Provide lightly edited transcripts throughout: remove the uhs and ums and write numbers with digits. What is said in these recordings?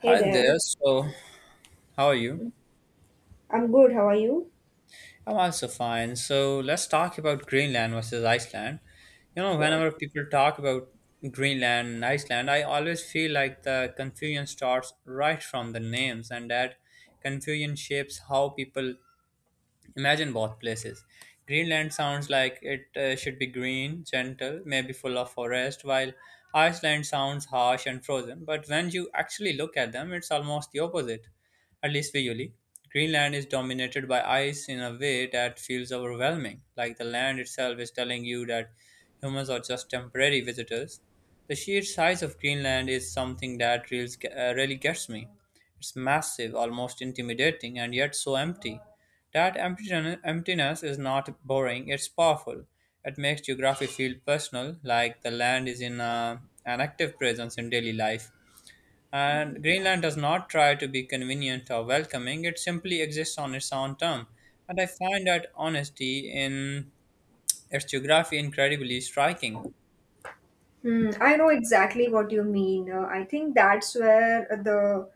Hey Hi there. there. So, how are you? I'm good. How are you? I'm also fine. So, let's talk about Greenland versus Iceland. You know, Sure. whenever people talk about Greenland and Iceland, I always feel like the confusion starts right from the names, and that confusion shapes how people imagine both places. Greenland sounds like it should be green, gentle, maybe full of forest, while Iceland sounds harsh and frozen. But when you actually look at them, it's almost the opposite, at least visually. Greenland is dominated by ice in a way that feels overwhelming, like the land itself is telling you that humans are just temporary visitors. The sheer size of Greenland is something that really gets me. It's massive, almost intimidating, and yet so empty. That emptiness is not boring, it's powerful. It makes geography feel personal, like the land is in an active presence in daily life. And Greenland does not try to be convenient or welcoming, it simply exists on its own term. And I find that honesty in its geography incredibly striking. Hmm, I know exactly what you mean. I think that's where the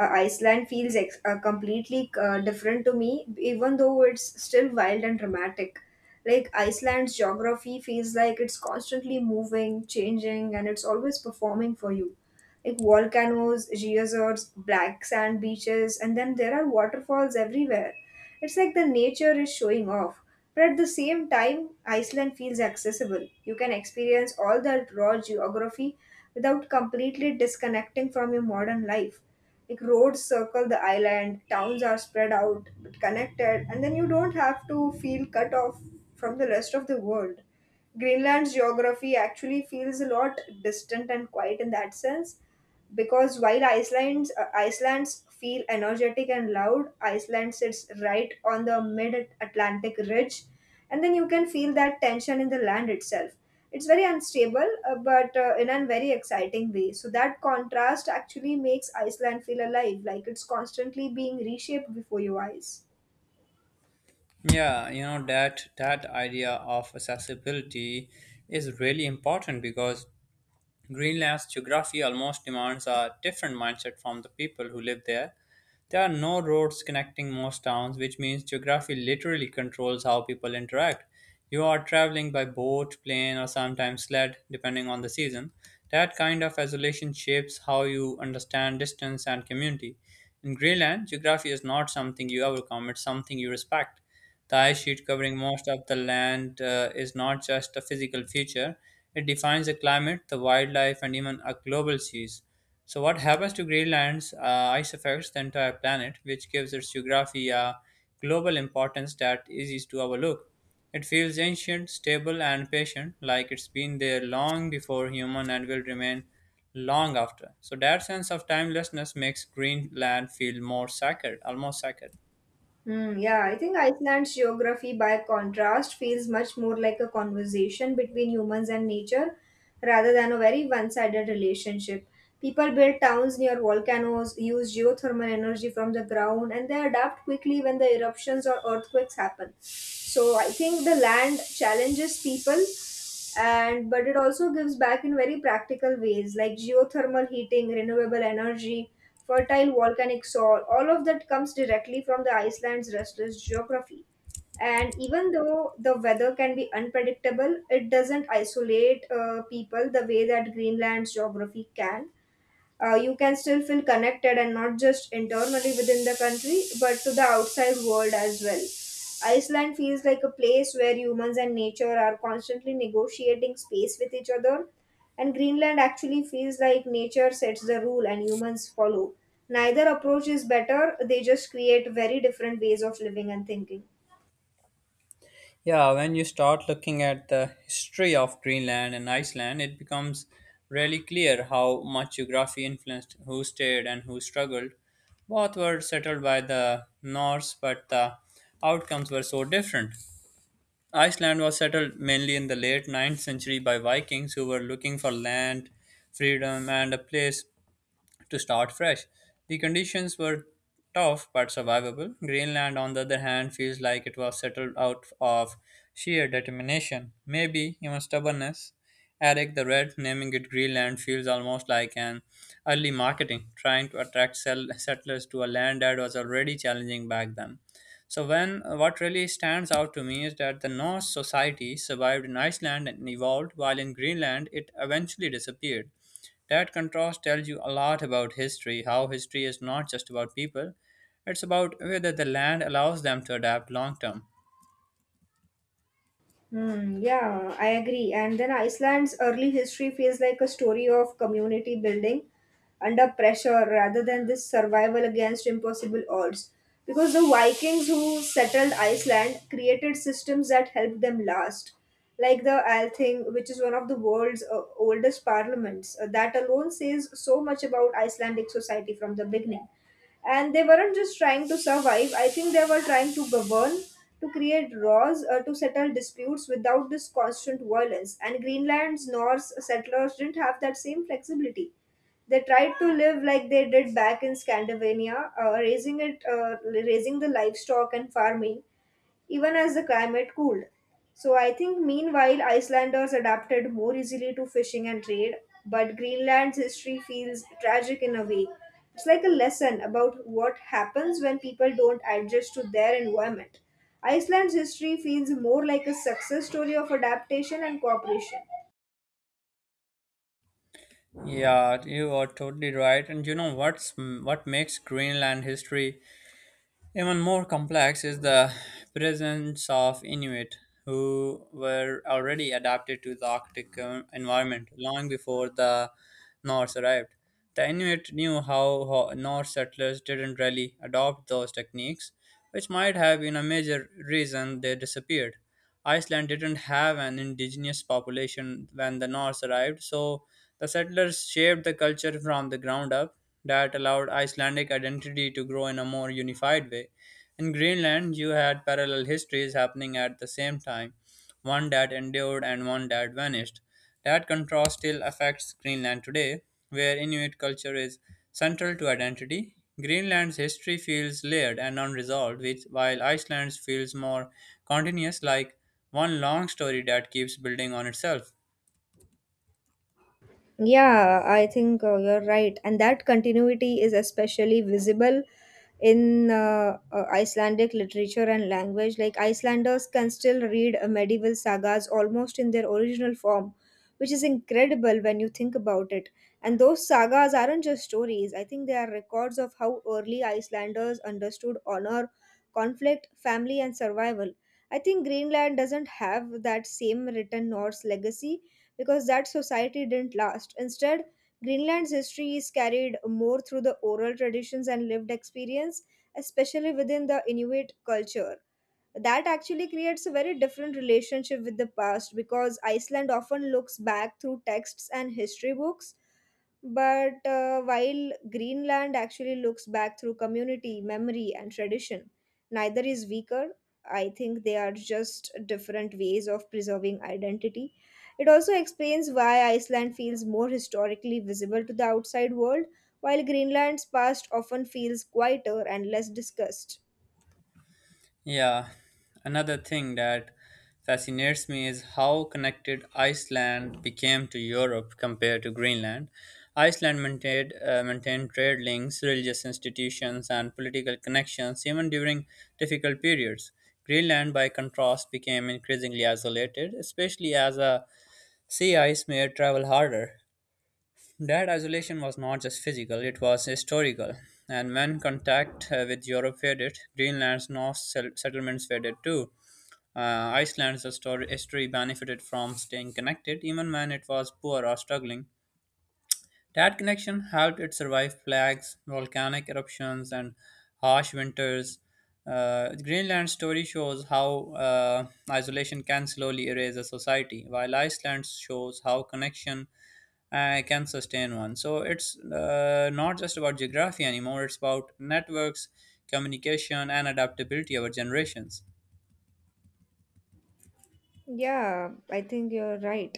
Iceland feels ex completely different to me, even though it's still wild and dramatic. Like, Iceland's geography feels like it's constantly moving, changing, and it's always performing for you. Like volcanoes, geysers, black sand beaches, and then there are waterfalls everywhere. It's like the nature is showing off. But at the same time, Iceland feels accessible. You can experience all that raw geography without completely disconnecting from your modern life. Like, roads circle the island, towns are spread out but connected, and then you don't have to feel cut off from the rest of the world. Greenland's geography actually feels a lot distant and quiet in that sense, because while Iceland's feel energetic and loud, Iceland sits right on the mid-Atlantic ridge, and then you can feel that tension in the land itself. It's very unstable, but in a very exciting way. So that contrast actually makes Iceland feel alive, like it's constantly being reshaped before your eyes. Yeah, you know that idea of accessibility is really important because Greenland's geography almost demands a different mindset from the people who live there. There are no roads connecting most towns, which means geography literally controls how people interact. You are traveling by boat, plane, or sometimes sled, depending on the season. That kind of isolation shapes how you understand distance and community. In Greenland, geography is not something you overcome, it's something you respect. The ice sheet covering most of the land is not just a physical feature, it defines the climate, the wildlife, and even a global seas. So, what happens to Greenland's ice affects the entire planet, which gives its geography a global importance that is easy to overlook. It feels ancient, stable, and patient, like it's been there long before human and will remain long after. So, that sense of timelessness makes Greenland feel more sacred, almost sacred. Hmm, yeah, I think Iceland's geography, by contrast, feels much more like a conversation between humans and nature rather than a very one sided relationship. People build towns near volcanoes, use geothermal energy from the ground, and they adapt quickly when the eruptions or earthquakes happen. So I think the land challenges people and but it also gives back in very practical ways, like geothermal heating, renewable energy, fertile volcanic soil. All of that comes directly from the Iceland's restless geography. And even though the weather can be unpredictable, it doesn't isolate people the way that Greenland's geography can. You can still feel connected and not just internally within the country but to the outside world as well. Iceland feels like a place where humans and nature are constantly negotiating space with each other, and Greenland actually feels like nature sets the rule and humans follow. Neither approach is better. They just create very different ways of living and thinking. Yeah, when you start looking at the history of Greenland and Iceland, it becomes really clear how much geography influenced who stayed and who struggled. Both were settled by the Norse, but the outcomes were so different. Iceland was settled mainly in the late ninth century by Vikings who were looking for land, freedom, and a place to start fresh. The conditions were tough but survivable. Greenland, on the other hand, feels like it was settled out of sheer determination, maybe even stubbornness. Eric the Red naming it Greenland feels almost like an early marketing, trying to attract settlers to a land that was already challenging back then. So when what really stands out to me is that the Norse society survived in Iceland and evolved, while in Greenland it eventually disappeared. That contrast tells you a lot about history, how history is not just about people, it's about whether the land allows them to adapt long term. Hmm, yeah, I agree. And then Iceland's early history feels like a story of community building under pressure rather than this survival against impossible odds. Because the Vikings who settled Iceland created systems that helped them last, like the Althing, which is one of the world's oldest parliaments. That alone says so much about Icelandic society from the beginning, and they weren't just trying to survive. I think they were trying to govern, to create laws, to settle disputes without this constant violence. And Greenland's Norse settlers didn't have that same flexibility. They tried to live like they did back in Scandinavia, raising raising the livestock and farming even as the climate cooled. So I think, meanwhile, Icelanders adapted more easily to fishing and trade, but Greenland's history feels tragic in a way. It's like a lesson about what happens when people don't adjust to their environment. Iceland's history feels more like a success story of adaptation and cooperation. Yeah, you are totally right. And you know what makes Greenland history even more complex is the presence of Inuit who were already adapted to the Arctic environment long before the Norse arrived. The Inuit knew how Norse settlers didn't really adopt those techniques, which might have been a major reason they disappeared. Iceland didn't have an indigenous population when the Norse arrived, so the settlers shaped the culture from the ground up that allowed Icelandic identity to grow in a more unified way. In Greenland, you had parallel histories happening at the same time one that endured and one that vanished. That contrast still affects Greenland today, where Inuit culture is central to identity. Greenland's history feels layered and unresolved, which, while Iceland's feels more continuous, like one long story that keeps building on itself. Yeah, I think you're right. And that continuity is especially visible in Icelandic literature and language. Like, Icelanders can still read medieval sagas almost in their original form, which is incredible when you think about it. And those sagas aren't just stories. I think they are records of how early Icelanders understood honor, conflict, family, and survival. I think Greenland doesn't have that same written Norse legacy because that society didn't last. Instead, Greenland's history is carried more through the oral traditions and lived experience, especially within the Inuit culture. That actually creates a very different relationship with the past, because Iceland often looks back through texts and history books, but while Greenland actually looks back through community, memory, and tradition. Neither is weaker. I think they are just different ways of preserving identity. It also explains why Iceland feels more historically visible to the outside world, while Greenland's past often feels quieter and less discussed. Yeah, another thing that fascinates me is how connected Iceland became to Europe compared to Greenland. Iceland maintained trade links, religious institutions, and political connections even during difficult periods. Greenland, by contrast, became increasingly isolated, especially as a sea ice made travel harder. That isolation was not just physical, it was historical. And when contact with Europe faded, Greenland's Norse settlements faded too. Uh, Iceland's history benefited from staying connected, even when it was poor or struggling. That connection helped it survive plagues, volcanic eruptions, and harsh winters. Greenland's story shows how isolation can slowly erase a society, while Iceland shows how connection can sustain one. So it's not just about geography anymore, it's about networks, communication, and adaptability over generations. Yeah, I think you're right.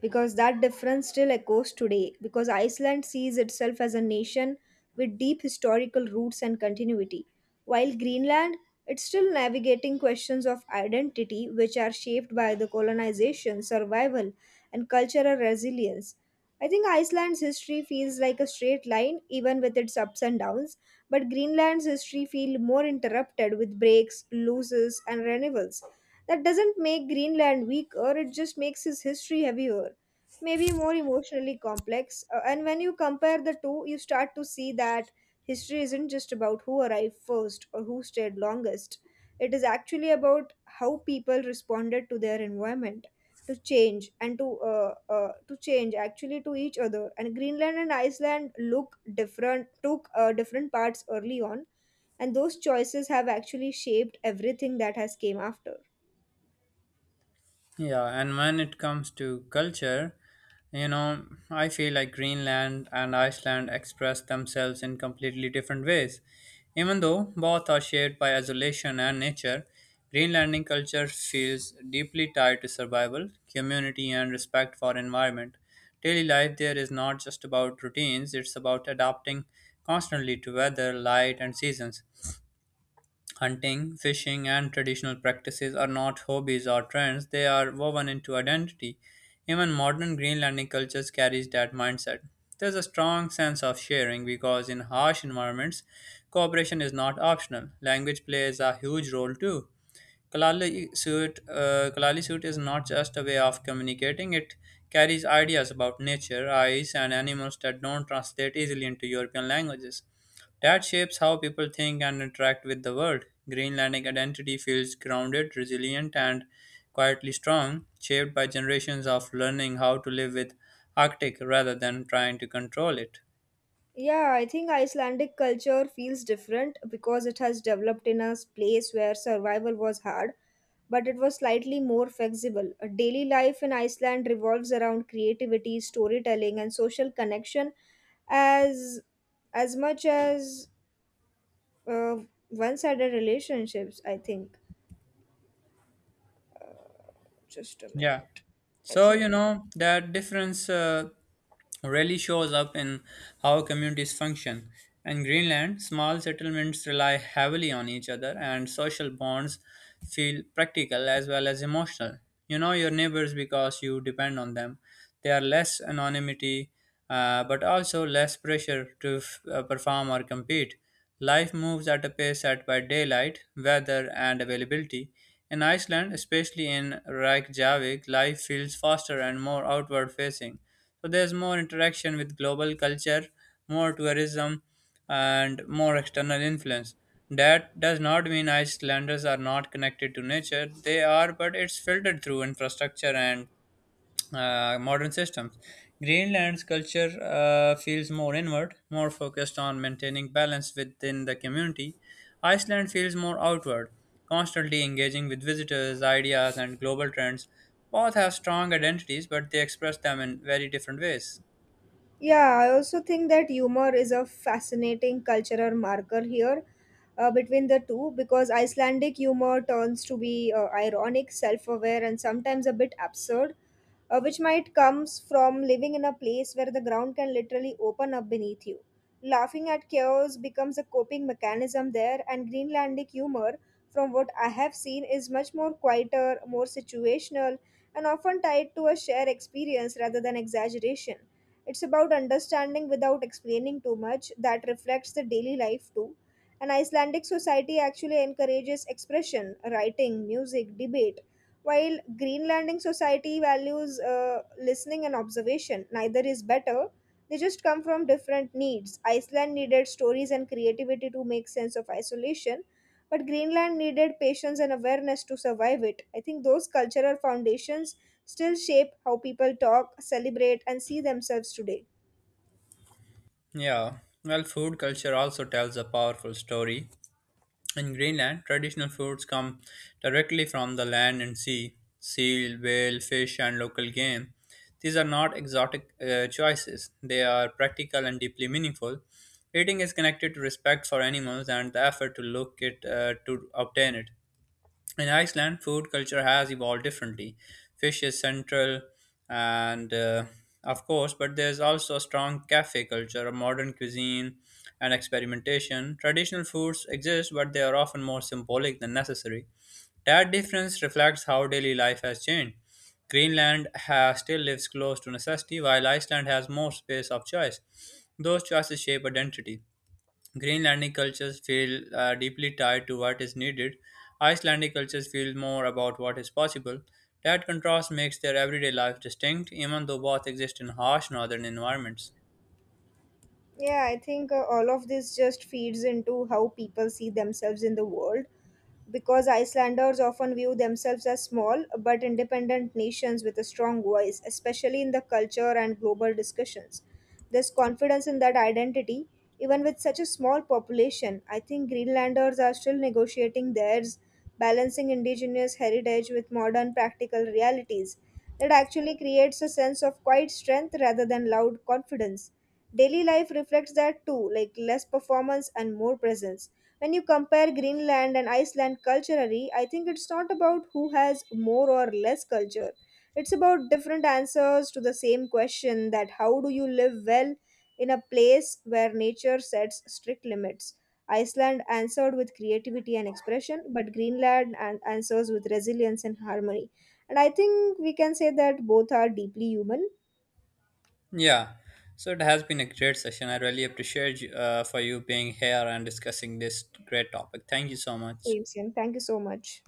Because that difference still echoes today, because Iceland sees itself as a nation with deep historical roots and continuity, while Greenland, it's still navigating questions of identity, which are shaped by the colonization, survival, and cultural resilience. I think Iceland's history feels like a straight line, even with its ups and downs, but Greenland's history feels more interrupted, with breaks, losses, and renewals. That doesn't make Greenland weaker, it just makes his history heavier, maybe more emotionally complex. And when you compare the two, you start to see that history isn't just about who arrived first or who stayed longest. It is actually about how people responded to their environment, to change, and to change, actually, to each other. And Greenland and Iceland look different, took different parts early on, and those choices have actually shaped everything that has came after. Yeah, and when it comes to culture, you know, I feel like Greenland and Iceland express themselves in completely different ways. Even though both are shaped by isolation and nature, Greenlandic culture feels deeply tied to survival, community, and respect for environment. Daily life there is not just about routines, it's about adapting constantly to weather, light, and seasons. Hunting, fishing, and traditional practices are not hobbies or trends, they are woven into identity. Even modern Greenlandic cultures carries that mindset. There's a strong sense of sharing because in harsh environments, cooperation is not optional. Language plays a huge role too. Kalali suit is not just a way of communicating, it carries ideas about nature, ice, and animals that don't translate easily into European languages. That shapes how people think and interact with the world. Greenlandic identity feels grounded, resilient, and quietly strong, shaped by generations of learning how to live with Arctic rather than trying to control it. Yeah, I think Icelandic culture feels different because it has developed in a place where survival was hard, but it was slightly more flexible. A daily life in Iceland revolves around creativity, storytelling, and social connection as as much as uh, one-sided relationships, I think. Just a Yeah. minute. I So, you think. know, that difference. Rarely shows up in how communities function. In Greenland, small settlements rely heavily on each other, and social bonds feel practical as well as emotional. You know your neighbors because you depend on them. They are less anonymity, but also less pressure to perform or compete. Life moves at a pace set by daylight, weather, and availability. In Iceland, especially in Reykjavik, life feels faster and more outward facing. So there's more interaction with global culture, more tourism, and more external influence. That does not mean Icelanders are not connected to nature. They are, but it's filtered through infrastructure and modern systems. Greenland's culture feels more inward, more focused on maintaining balance within the community. Iceland feels more outward, constantly engaging with visitors, ideas, and global trends. Both have strong identities, but they express them in very different ways. Yeah, I also think that humor is a fascinating cultural marker here between the two, because Icelandic humor turns to be ironic, self aware, and sometimes a bit absurd, which might comes from living in a place where the ground can literally open up beneath you. Laughing at chaos becomes a coping mechanism there. And Greenlandic humor, from what I have seen, is much more quieter, more situational, and often tied to a shared experience rather than exaggeration. It's about understanding without explaining too much. That reflects the daily life too. An Icelandic society actually encourages expression, writing, music, debate, while Greenlanding society values listening and observation. Neither is better. They just come from different needs. Iceland needed stories and creativity to make sense of isolation, but Greenland needed patience and awareness to survive it. I think those cultural foundations still shape how people talk, celebrate, and see themselves today. Yeah, well, food culture also tells a powerful story. In Greenland, traditional foods come directly from the land and sea seal, whale, fish, and local game. These are not exotic choices, they are practical and deeply meaningful. Eating is connected to respect for animals and the effort to look it to obtain it in Iceland, food culture has evolved differently. Fish is central, and of course, but there's also a strong cafe culture, a modern cuisine, and experimentation. Traditional foods exist, but they are often more symbolic than necessary. That difference reflects how daily life has changed. Greenland has, still lives close to necessity, while Iceland has more space of choice. Those choices shape identity. Greenlandic cultures feel deeply tied to what is needed. Icelandic cultures feel more about what is possible. That contrast makes their everyday life distinct, even though both exist in harsh northern environments. Yeah, I think all of this just feeds into how people see themselves in the world, because Icelanders often view themselves as small but independent nations with a strong voice, especially in the culture and global discussions. This confidence in that identity, even with such a small population. I think Greenlanders are still negotiating theirs, balancing indigenous heritage with modern practical realities. That actually creates a sense of quiet strength rather than loud confidence. Daily life reflects that too, like less performance and more presence. When you compare Greenland and Iceland culturally, I think it's not about who has more or less culture. It's about different answers to the same question, that how do you live well in a place where nature sets strict limits? Iceland answered with creativity and expression, but Greenland answers with resilience and harmony. And I think we can say that both are deeply human. Yeah, so it has been a great session. I really appreciate you for you being here and discussing this great topic. Thank you so much. Same, same. Thank you so much.